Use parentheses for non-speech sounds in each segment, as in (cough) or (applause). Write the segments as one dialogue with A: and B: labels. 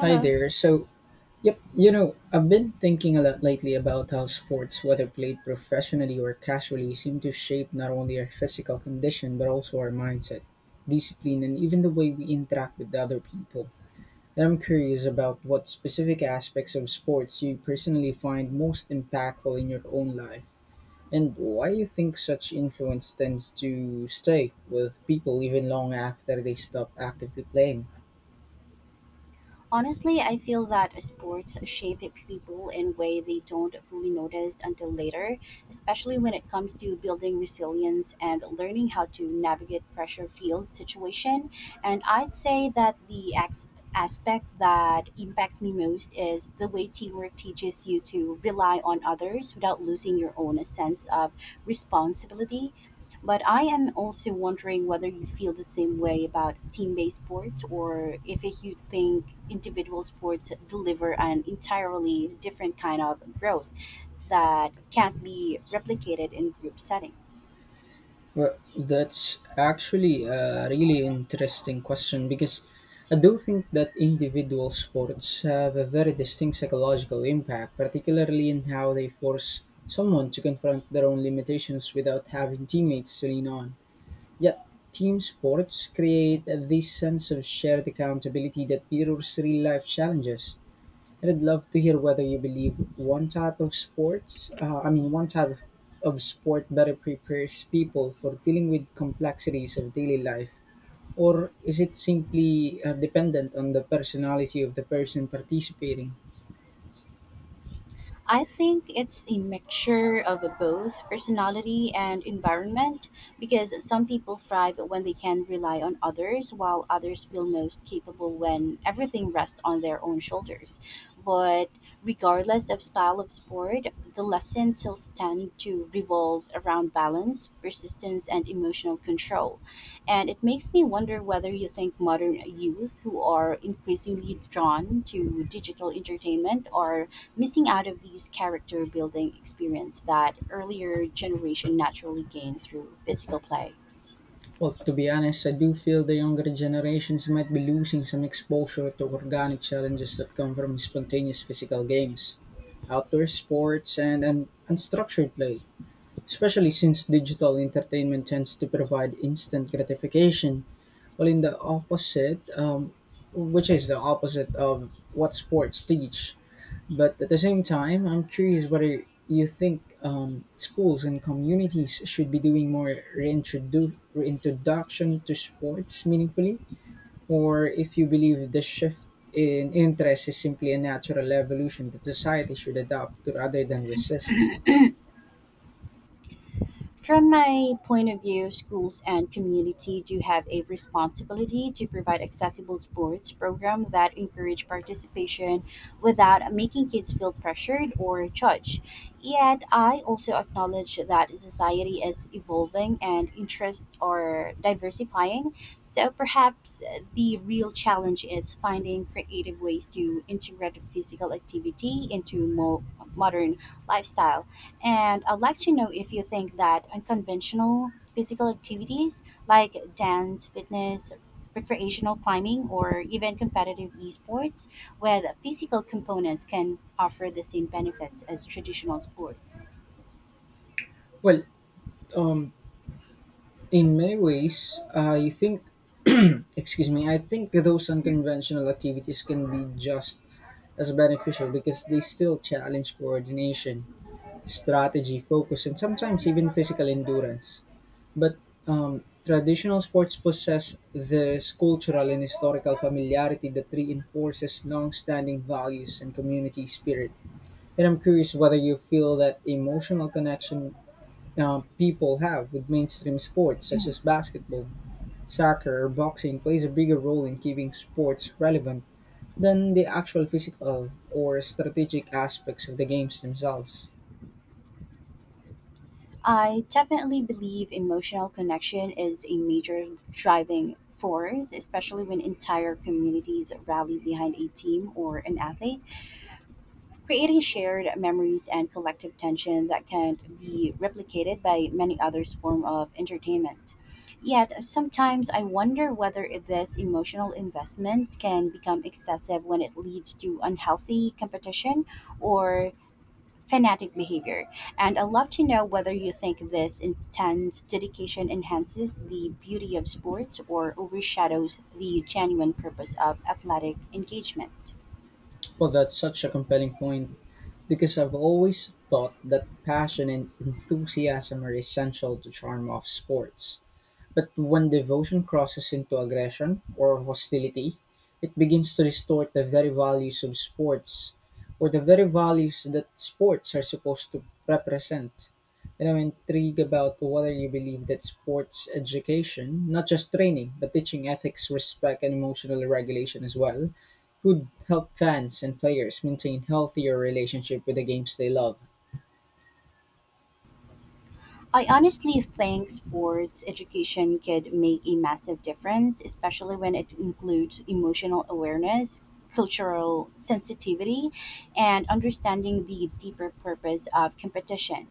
A: Hi there. So, I've been thinking a lot lately about how sports, whether played professionally or casually, seem to shape not only our physical condition but also our mindset, discipline, and even the way we interact with other people. And I'm curious about what specific aspects of sports you personally find most impactful in your own life, and why you think such influence tends to stay with people even long after they stop actively playing.
B: Honestly, I feel that sports shape people in way they don't fully notice until later, especially when it comes to building resilience and learning how to navigate pressure field situation. And I'd say that the aspect that impacts me most is the way teamwork teaches you to rely on others without losing your own sense of responsibility. But I am also wondering whether you feel the same way about team based sports or if you think individual sports deliver an entirely different kind of growth that can't be replicated in group settings.
A: Well, that's actually a really interesting question because I do think that individual sports have a very distinct psychological impact, particularly in how they force someone to confront their own limitations without having teammates to lean on. Yet, team sports create this sense of shared accountability that mirrors real life challenges. I would love to hear whether you believe one type of sports, I mean, one type of sport better prepares people for dealing with complexities of daily life, or is it simply dependent on the personality of the person participating?
B: I think it's a mixture of both personality and environment because some people thrive when they can rely on others, while others feel most capable when everything rests on their own shoulders. But regardless of style of sport, the lesson tilts tend to revolve around balance, persistence, and emotional control. And it makes me wonder whether you think modern youth who are increasingly drawn to digital entertainment are missing out of these character building experience that earlier generation naturally gained through physical play.
A: Well, to be honest, I do feel the younger generations might be losing some exposure to organic challenges that come from spontaneous physical games, outdoor sports, and unstructured play, especially since digital entertainment tends to provide instant gratification, while in the opposite, which is the opposite of what sports teach. But at the same time, I'm curious whether you think schools and communities should be doing more reintroduction to sports meaningfully, or if you believe the shift in interest is simply a natural evolution that society should adopt rather than resist.
B: From my point of view, schools and community do have a responsibility to provide accessible sports programs that encourage participation without making kids feel pressured or judged. Yet, I also acknowledge that society is evolving and interests are diversifying. So, perhaps the real challenge is finding creative ways to integrate physical activity into more modern lifestyle. And I'd like to know if you think that unconventional physical activities like dance, fitness, recreational climbing, or even competitive esports with physical components can offer the same benefits as traditional sports.
A: Well, um, In many ways, I think, (clears throat) excuse me, I think those unconventional activities can be just as beneficial because they still challenge coordination, strategy, focus, and sometimes even physical endurance. But traditional sports possess this cultural and historical familiarity that reinforces long standing values and community spirit. And I'm curious whether you feel that emotional connection people have with mainstream sports such as basketball, Soccer or boxing plays a bigger role in keeping sports relevant than the actual physical or strategic aspects of the games themselves.
B: I definitely believe emotional connection is a major driving force, especially when entire communities rally behind a team or an athlete, creating shared memories and collective tension that can be replicated by many others form of entertainment. Yet sometimes I wonder whether this emotional investment can become excessive when it leads to unhealthy competition or fanatic behavior. And I'd love to know whether you think this intense dedication enhances the beauty of sports or overshadows the genuine purpose of athletic engagement.
A: Well, that's such a compelling point because I've always thought that passion and enthusiasm are essential to charm of sports. But when devotion crosses into aggression or hostility, it begins to distort the very values that sports are supposed to represent. And I'm intrigued about whether you believe that sports education, not just training, but teaching ethics, respect, and emotional regulation as well, could help fans and players maintain healthier relationship with the games they love.
B: I honestly think sports education could make a massive difference, especially when it includes emotional awareness, cultural sensitivity, and understanding the deeper purpose of competition,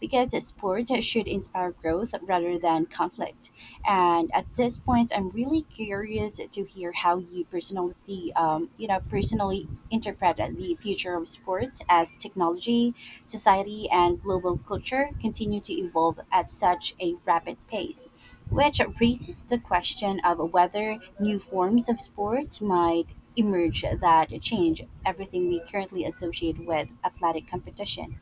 B: because sports should inspire growth rather than conflict. And at this point, I'm really curious to hear how you personally, personally interpret the future of sports as technology society, and global culture continue to evolve at such a rapid pace, which raises the question of whether new forms of sports might emerge that change everything we currently associate with athletic competition.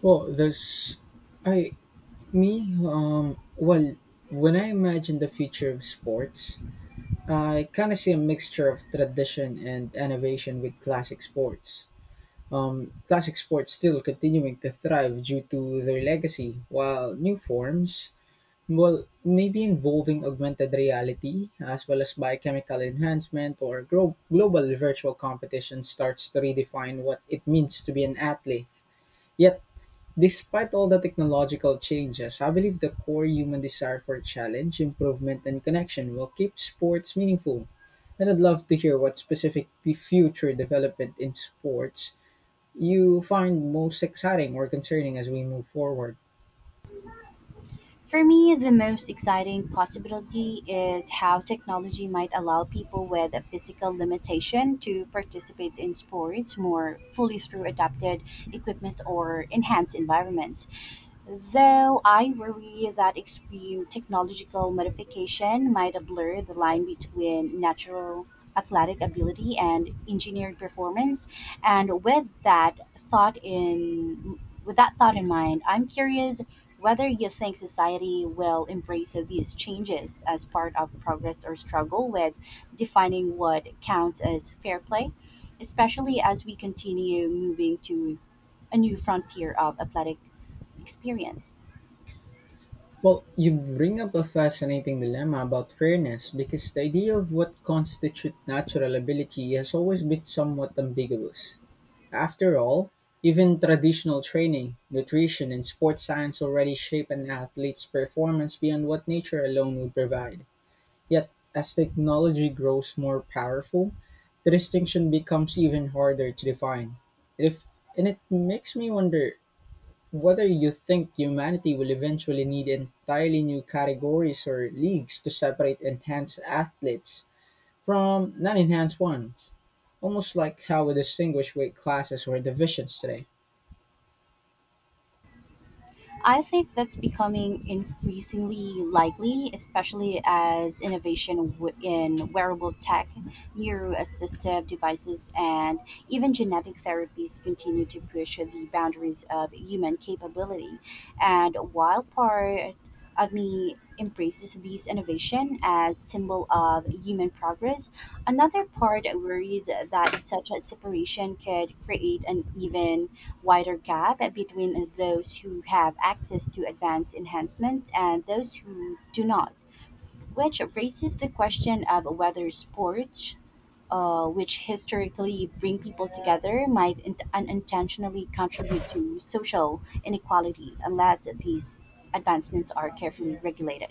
A: Well, there's I Me, well, When I imagine the future of sports, I kind of see a mixture of tradition and innovation with classic sports still continuing to thrive due to their legacy, while new forms, maybe involving augmented reality as well as biochemical enhancement or global virtual competition starts to redefine what it means to be an athlete. Yet despite all the technological changes, I believe the core human desire for challenge, improvement, and connection will keep sports meaningful. And I'd love to hear what specific future development in sports you find most exciting or concerning as we move forward.
B: For me, the most exciting possibility is how technology might allow people with a physical limitation to participate in sports more fully through adapted equipment or enhanced environments, though I worry that extreme technological modification might blur the line between natural athletic ability and engineered performance, and with that thought in mind, I'm curious whether you think society will embrace these changes as part of progress or struggle with defining what counts as fair play, especially as we continue moving to a new frontier of athletic experience.
A: Well, you bring up a fascinating dilemma about fairness because the idea of what constitutes natural ability has always been somewhat ambiguous. After all, even traditional training, nutrition, and sports science already shape an athlete's performance beyond what nature alone would provide. Yet, as technology grows more powerful, the distinction becomes even harder to define. If, And it makes me wonder whether you think humanity will eventually need entirely new categories or leagues to separate enhanced athletes from non-enhanced ones, almost like how we distinguish weight classes or divisions today.
B: I think that's becoming increasingly likely, especially as innovation in wearable tech, neuroassistive devices, and even genetic therapies continue to push the boundaries of human capability. And while part of me embraces these innovation as symbol of human progress, another part worries that such a separation could create an even wider gap between those who have access to advanced enhancement and those who do not, which raises the question of whether sports, which historically bring people together, might unintentionally contribute to social inequality unless these advancements are carefully regulated.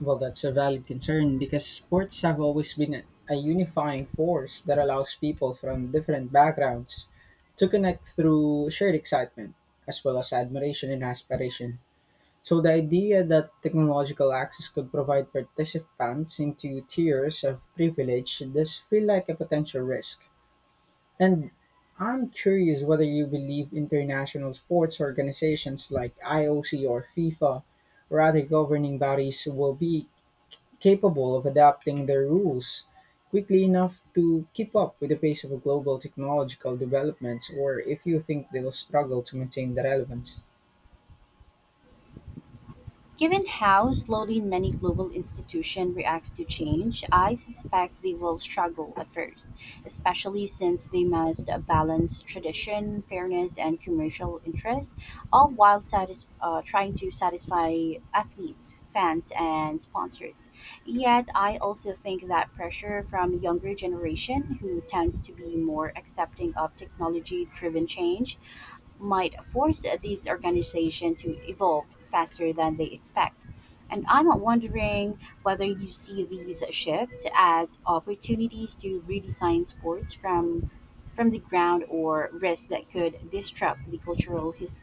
A: Well, that's a valid concern because sports have always been a unifying force that allows people from different backgrounds to connect through shared excitement as well as admiration and aspiration. So, the idea that technological access could provide participants into tiers of privilege does feel like a potential risk. And I'm curious whether you believe international sports organizations like IOC or FIFA or other governing bodies will be capable of adapting their rules quickly enough to keep up with the pace of global technological developments, or if you think they'll struggle to maintain the relevance.
B: Given how slowly many global institutions react to change, I suspect they will struggle at first, especially since they must balance tradition, fairness, and commercial interest, all while trying to satisfy athletes, fans, and sponsors. Yet, I also think that pressure from younger generation, who tend to be more accepting of technology-driven change, might force these organizations to evolve faster than they expect. And I'm wondering whether you see these shifts as opportunities to redesign sports from the ground or risks that could disrupt the cultural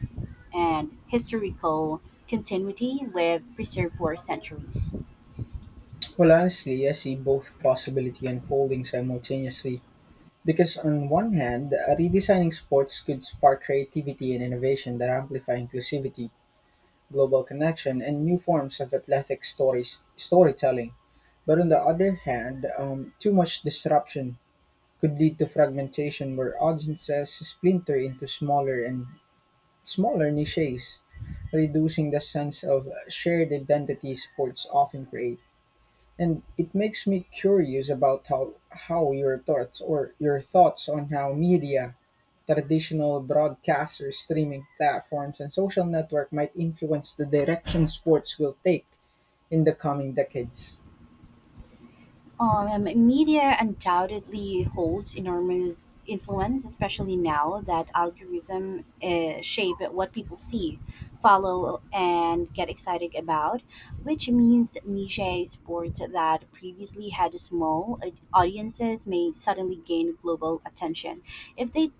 B: and historical continuity we've preserved for centuries.
A: Well, honestly, I see both possibility unfolding simultaneously. Because on one hand, redesigning sports could spark creativity and innovation that amplify inclusivity global connection and new forms of storytelling. But on the other hand, too much disruption could lead to fragmentation where audiences splinter into smaller and smaller niches, reducing the sense of shared identity sports often create. And it makes me curious about how your thoughts or your thoughts on how media, traditional broadcasters, streaming platforms and social network might influence the direction sports will take in the coming decades.
B: Media undoubtedly holds enormous influence, especially now that algorithm shape what people see, follow, and get excited about, which means niche sports that previously had small audiences may suddenly gain global attention if they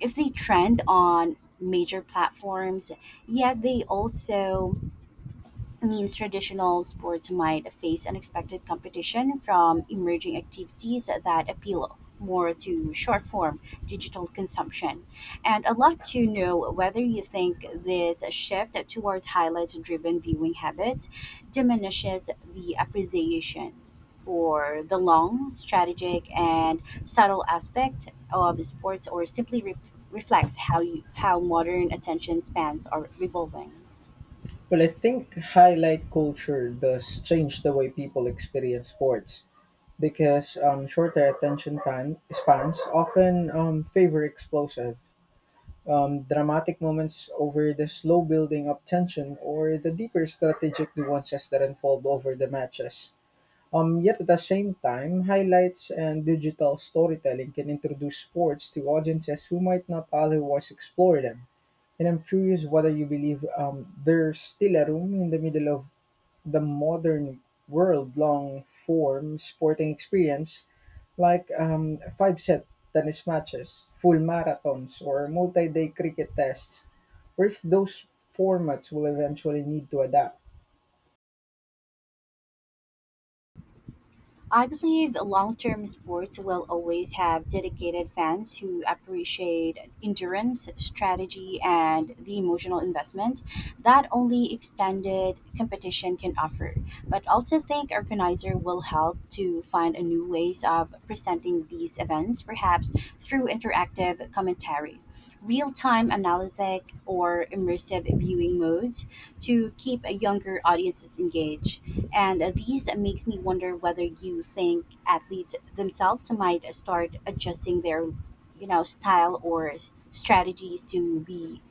B: if they trend on major platforms. Yet they also means traditional sports might face unexpected competition from emerging activities that appeal more to short form digital consumption. And I'd love to know whether you think this shift towards highlights driven viewing habits diminishes the appreciation for the long, strategic, and subtle aspect of sports or simply reflects how modern attention spans are revolving.
A: Well, I think highlight culture does change the way people experience sports because shorter attention spans often favor explosive dramatic moments over the slow building up tension or the deeper strategic nuances that unfold over the matches. Yet at the same time, highlights and digital storytelling can introduce sports to audiences who might not otherwise explore them. And I'm curious whether you believe there's still a room in the middle of the modern world long form sporting experience like five set tennis matches, full marathons, or multi day cricket tests, or if those formats will eventually need to adapt.
B: I believe long term sports will always have dedicated fans who appreciate endurance, strategy, and the emotional investment that only extended competition can offer. But also think organizer will help to find a new ways of presenting these events, perhaps through interactive commentary, real time analytic or immersive viewing modes to keep younger audiences engaged, and these makes me wonder whether you think athletes themselves might start adjusting their you know style or strategies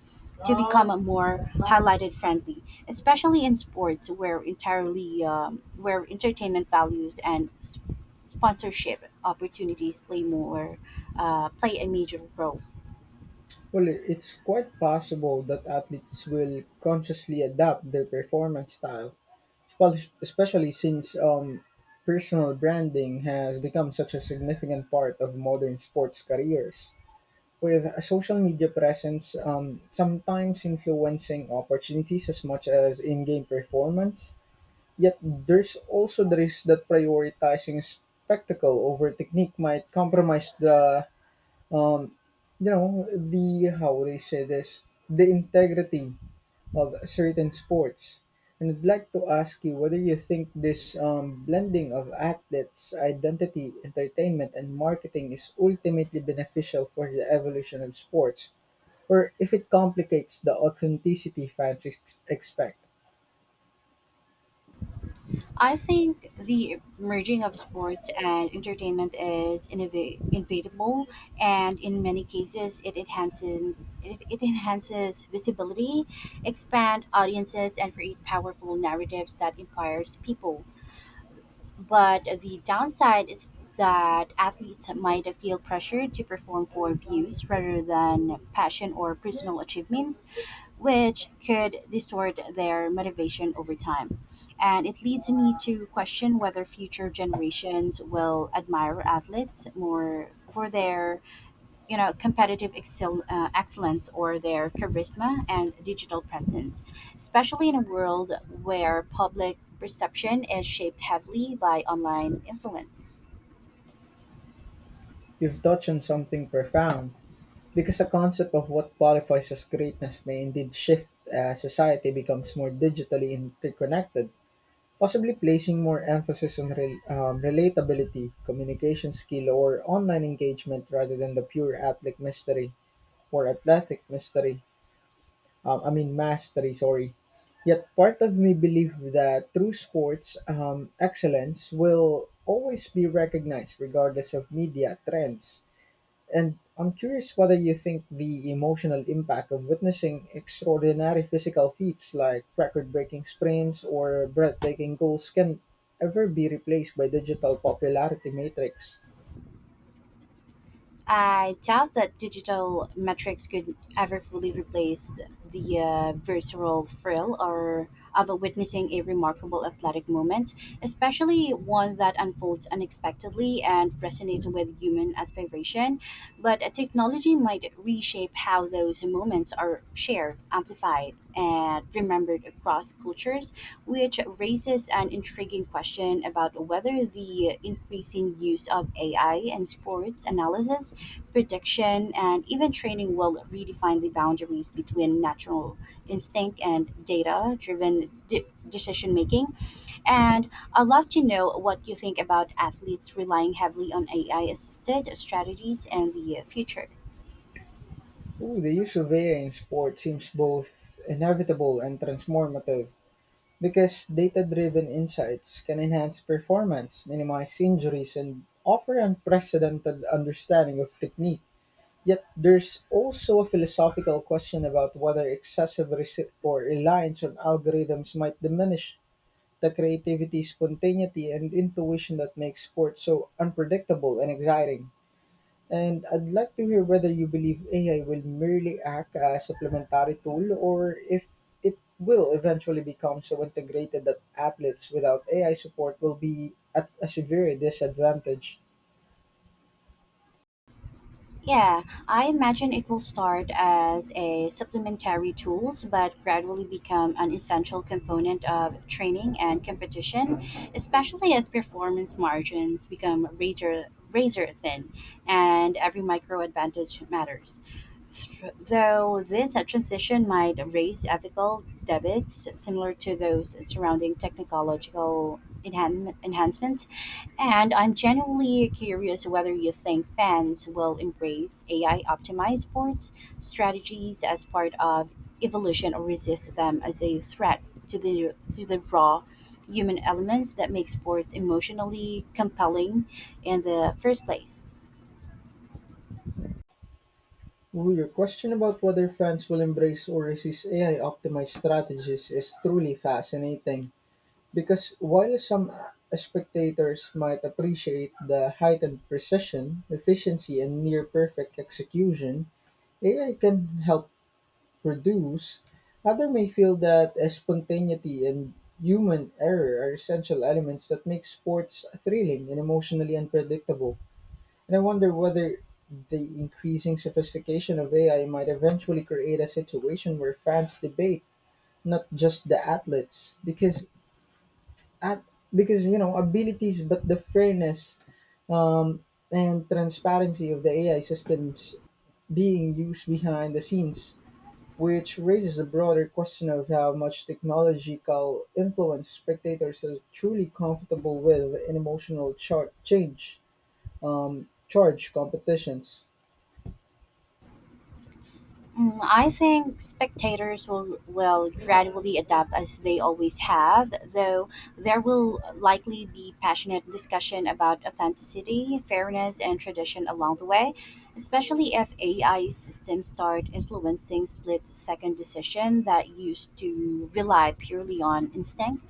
B: to become a more highlighted friendly, especially in sports where entirely where entertainment values and sponsorship opportunities play a major role.
A: Well, it's quite possible that athletes will consciously adapt their performance style, especially since personal branding has become such a significant part of modern sports careers, with a social media presence sometimes influencing opportunities as much as in game performance. Yet there's also the risk that prioritizing spectacle over technique might compromise the, um you know the how would I say this the integrity of certain sports. And I'd like to ask you whether you think this blending of athletes' identity, entertainment, and marketing is ultimately beneficial for the evolution of sports, or if it complicates the authenticity fans expect.
B: I think the merging of sports and entertainment is inevitable, and in many cases, it it enhances visibility, expand audiences, and create powerful narratives that inspires people. But the downside is that athletes might feel pressured to perform for views rather than passion or personal achievements, which could distort their motivation over time. And it leads me to question whether future generations will admire athletes more for their, you know, excellence or their charisma and digital presence, especially in a world where public perception is shaped heavily by online influence.
A: You've touched on something profound, because the concept of what qualifies as greatness may indeed shift as society becomes more digitally interconnected, possibly placing more emphasis on relatability, communication skill, or online engagement rather than the pure athletic mystery. I mean, mastery, sorry. Yet part of me believe that true sports excellence will always be recognized regardless of media trends. And I'm curious whether you think the emotional impact of witnessing extraordinary physical feats like record breaking sprints or breathtaking goals can ever be replaced by digital popularity matrix.
B: I doubt that digital metrics could ever fully replace the visceral thrill or of witnessing a remarkable athletic moment, especially one that unfolds unexpectedly and resonates with human aspiration. But a technology might reshape how those moments are shared, amplified, and remembered across cultures, which raises an intriguing question about whether the increasing use of AI in sports analysis protection, and even training will redefine the boundaries between natural instinct and data driven decision making. And I'd love to know what you think about athletes relying heavily on AI assisted strategies in the future.
A: Ooh, the use of AI in sport seems both inevitable and transformative because data driven insights can enhance performance, minimize injuries, and offer unprecedented understanding of technique. Yet there's also a philosophical question about whether excessive resi- or reliance on algorithms might diminish the creativity, spontaneity, and intuition that makes sports so unpredictable and exciting. And I'd like to hear whether you believe AI will merely act as a supplementary tool or if it will eventually become so integrated that athletes without AI support will be at a severe disadvantage.
B: Yeah, I imagine it will start as a supplementary tools but gradually become an essential component of training and competition, especially as performance margins become razor thin and every micro advantage matters. Though this transition might raise ethical debates similar to those surrounding technological enhancement, and I'm genuinely curious whether you think fans will embrace AI optimized sports strategies as part of evolution or resist them as a threat to the raw human elements that make sports emotionally compelling in the first place.
A: Well, your question about whether France will embrace or resist AI optimized strategies is truly fascinating because while some spectators might appreciate the heightened precision, efficiency, and near perfect execution AI can help produce, others may feel that spontaneity and human error are essential elements that make sports thrilling and emotionally unpredictable. And I wonder whether the increasing sophistication of AI might eventually create a situation where fans debate not just the athletes because at because you know abilities but the fairness um, and transparency of the AI systems being used behind the scenes, which raises a broader question of how much technological influence spectators are truly comfortable with in emotional char- change charge competitions.
B: Mm, I think spectators will gradually adapt as they always have, though there will likely be passionate discussion about authenticity, fairness, and tradition along the way, especially if AI systems start influencing split second decision that used to rely purely on instinct.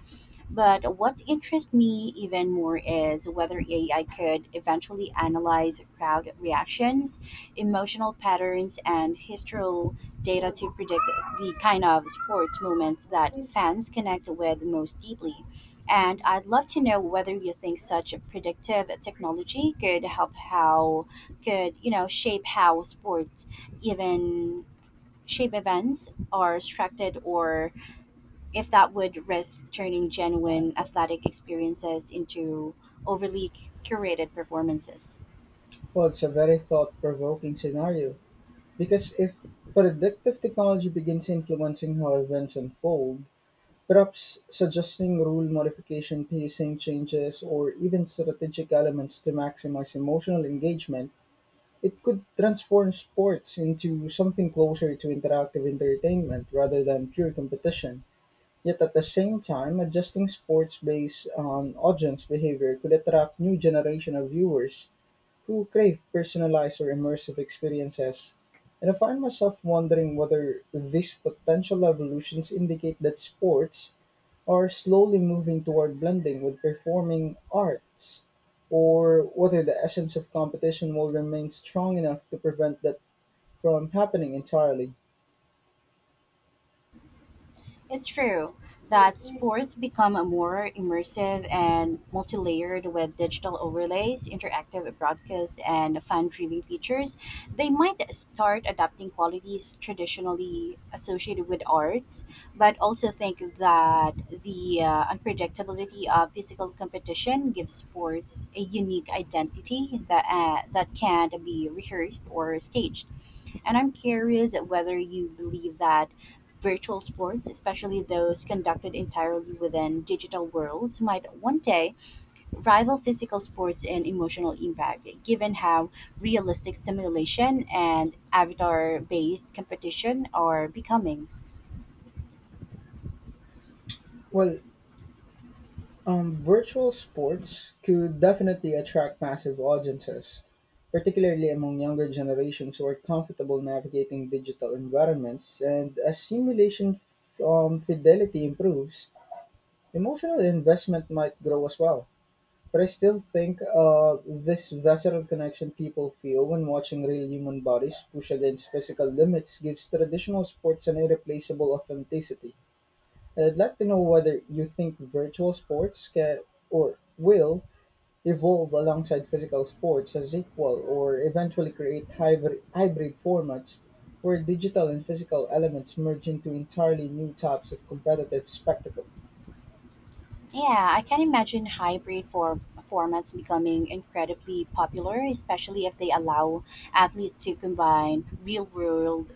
B: But what interests me even more is whether AI could eventually analyze crowd reactions, emotional patterns, and historical data to predict the kind of sports moments that fans connect with most deeply. And I'd love to know whether you think such predictive technology could you know shape how sports even shape events are structured or if that would risk turning genuine athletic experiences into overly curated performances.
A: Well, it's a very thought provoking scenario because if predictive technology begins influencing how events unfold, perhaps suggesting rule modification, pacing changes, or even strategic elements to maximize emotional engagement, it could transform sports into something closer to interactive entertainment rather than pure competition. Yet at the same time, adjusting sports based on audience behavior could attract new generation of viewers who crave personalized or immersive experiences, and I find myself wondering whether these potential evolutions indicate that sports are slowly moving toward blending with performing arts, or whether the essence of competition will remain strong enough to prevent that from happening entirely.
B: It's true that sports become more immersive and multi-layered with digital overlays, interactive broadcasts, and fan-driven features. They might start adapting qualities traditionally associated with arts, but also think that the unpredictability of physical competition gives sports a unique identity that can not be rehearsed or staged. And I'm curious whether you believe that virtual sports, especially those conducted entirely within digital worlds, might one day rival physical sports in emotional impact, given how realistic stimulation and avatar based competition are becoming.
A: Well, Virtual sports could definitely attract massive audiences, particularly among younger generations who are comfortable navigating digital environments. And as simulation fidelity improves, emotional investment might grow as well. But I still think this visceral connection people feel when watching real human bodies push against physical limits gives traditional sports an irreplaceable authenticity. And I'd like to know whether you think virtual sports can or will evolve alongside physical sports as equal or eventually create hybrid formats where digital and physical elements merge into entirely new types of competitive spectacle.
B: Yeah, I can imagine hybrid for formats becoming incredibly popular, especially if they allow athletes to combine real-world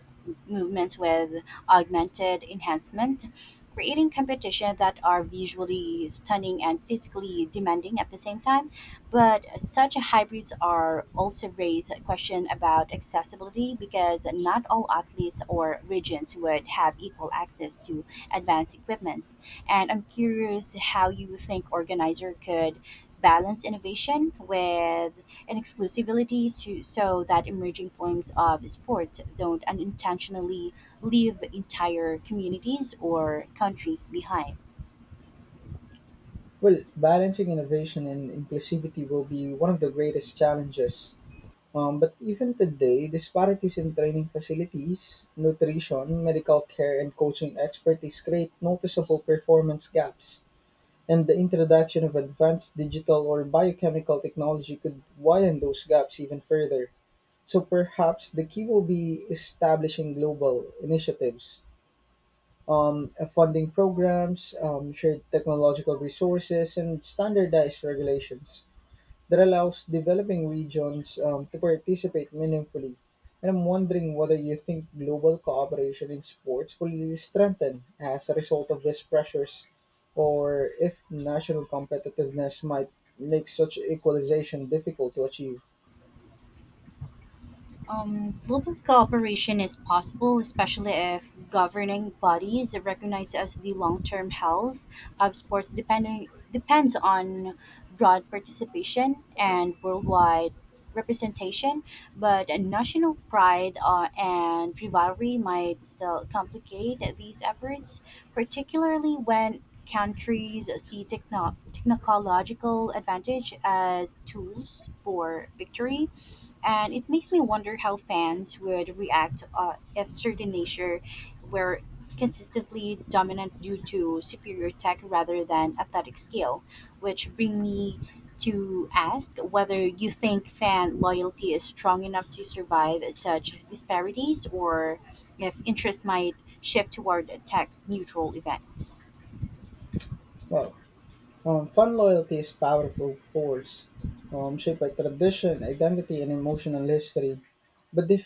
B: movements with augmented enhancement, creating competition that are visually stunning and physically demanding at the same time. But such hybrids are also raise a question about accessibility because not all athletes or regions would have equal access to advanced equipment, and I'm curious how you think organizer could balance innovation with an exclusivity to so that emerging forms of sport don't unintentionally leave entire communities or countries behind.
A: Well, balancing innovation and inclusivity will be one of the greatest challenges. But even today, disparities in training facilities, nutrition, medical care, and coaching expertise create noticeable performance gaps, and the introduction of advanced digital or biochemical technology could widen those gaps even further. So perhaps the key will be establishing global initiatives, funding programs, shared technological resources, and standardized regulations that allows developing regions to participate meaningfully. And I'm wondering whether you think global cooperation in sports will strengthen as a result of these pressures, or if national competitiveness might make such equalization difficult to achieve.
B: Global cooperation is possible, especially if governing bodies recognize as the long-term health of sports depending depends on broad participation and worldwide representation. But a national pride and rivalry might still complicate these efforts, particularly when countries see technological advantage as tools for victory, and it makes me wonder how fans would react if certain nature were consistently dominant due to superior tech rather than athletic skill, which bring me to ask whether you think fan loyalty is strong enough to survive such disparities or if interest might shift toward tech neutral events.
A: Well, Fan loyalty is powerful force, shaped by tradition, identity, and emotional history. But if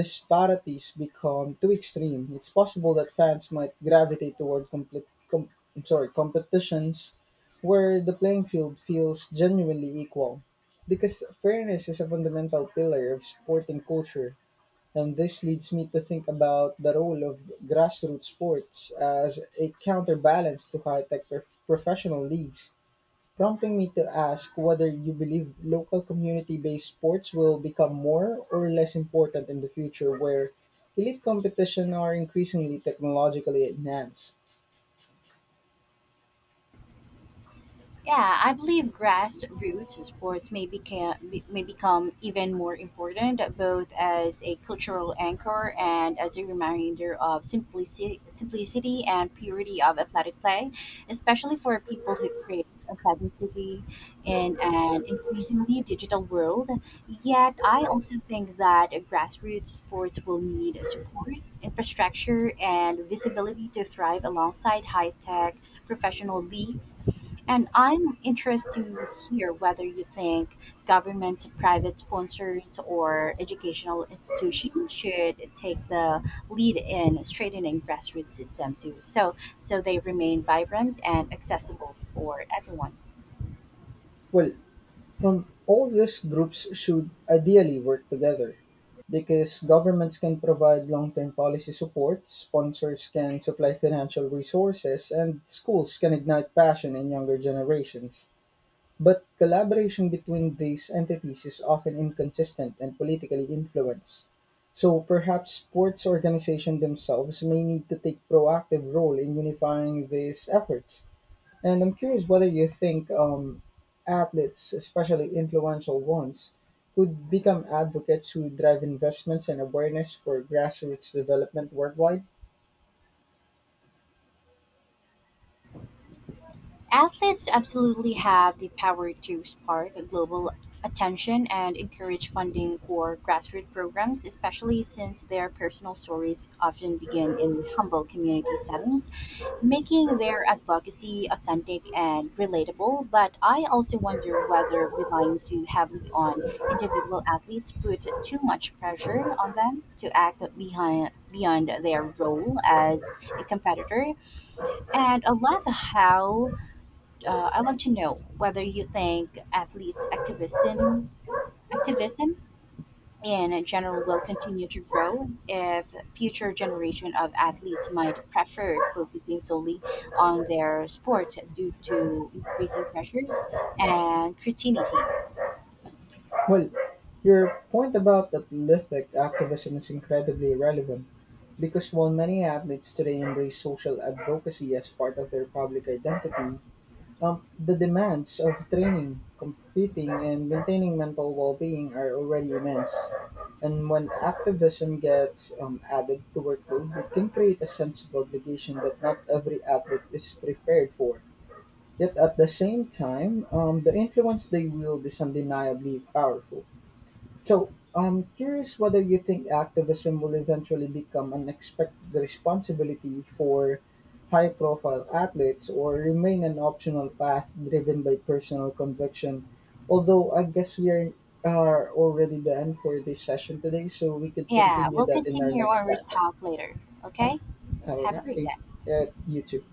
A: disparities become too extreme, it's possible that fans might gravitate toward I'm sorry, competitions where the playing field feels genuinely equal, because fairness is a fundamental pillar of sporting culture. And this leads me to think about the role of grassroots sports as a counterbalance to high tech professional leagues, prompting me to ask whether you believe local community based sports will become more or less important in the future where elite competition are increasingly technologically enhanced.
B: Yeah, I believe grassroots sports may become even more important, both as a cultural anchor and as a reminder of simplicity and purity of athletic play, especially for people who crave authenticity in an increasingly digital world. Yet, I also think that grassroots sports will need support, infrastructure, and visibility to thrive alongside high tech professional leagues, and I'm interested to hear whether you think governments, private sponsors, or educational institutions should take the lead in strengthening grassroots system too, so they remain vibrant and accessible for everyone.
A: Well, from all these groups should ideally work together because governments can provide long-term policy support, sponsors can supply financial resources, and schools can ignite passion in younger generations. But collaboration between these entities is often inconsistent and politically influenced. So perhaps sports organizations themselves may need to take proactive role in unifying these efforts. And I'm curious whether you think athletes, especially influential ones, could become advocates who drive investments and awareness for grassroots development worldwide.
B: Athletes absolutely have the power to spark global attention and encourage funding for grassroots programs, especially since their personal stories often begin in humble community settings, making their advocacy authentic and relatable, but I also wonder whether relying too heavily on individual athletes put too much pressure on them to act behind beyond their role as a competitor. And I love how I want to know whether you think athletes activism activism in general will continue to grow if future generation of athletes might prefer focusing solely on their sport due to increasing pressures and criticality.
A: Well, your point about athletic activism is incredibly relevant because while many athletes today embrace social advocacy as part of their public identity, the demands of training, competing, and maintaining mental well being are already immense. And when activism gets added to workload, it can create a sense of obligation that not every athlete is prepared for. Yet at the same time, the influence they wield is undeniably powerful. So I'm curious whether you think activism will eventually become an expected responsibility for high profile athletes or remain an optional path driven by personal conviction. Although I guess are already done for this session today, so we could
B: Yeah,
A: continue
B: we'll
A: that in our
B: continue
A: next
B: our
A: topic.
B: talk later. Okay?
A: All
B: Have a great
A: right.
B: day.
A: You too.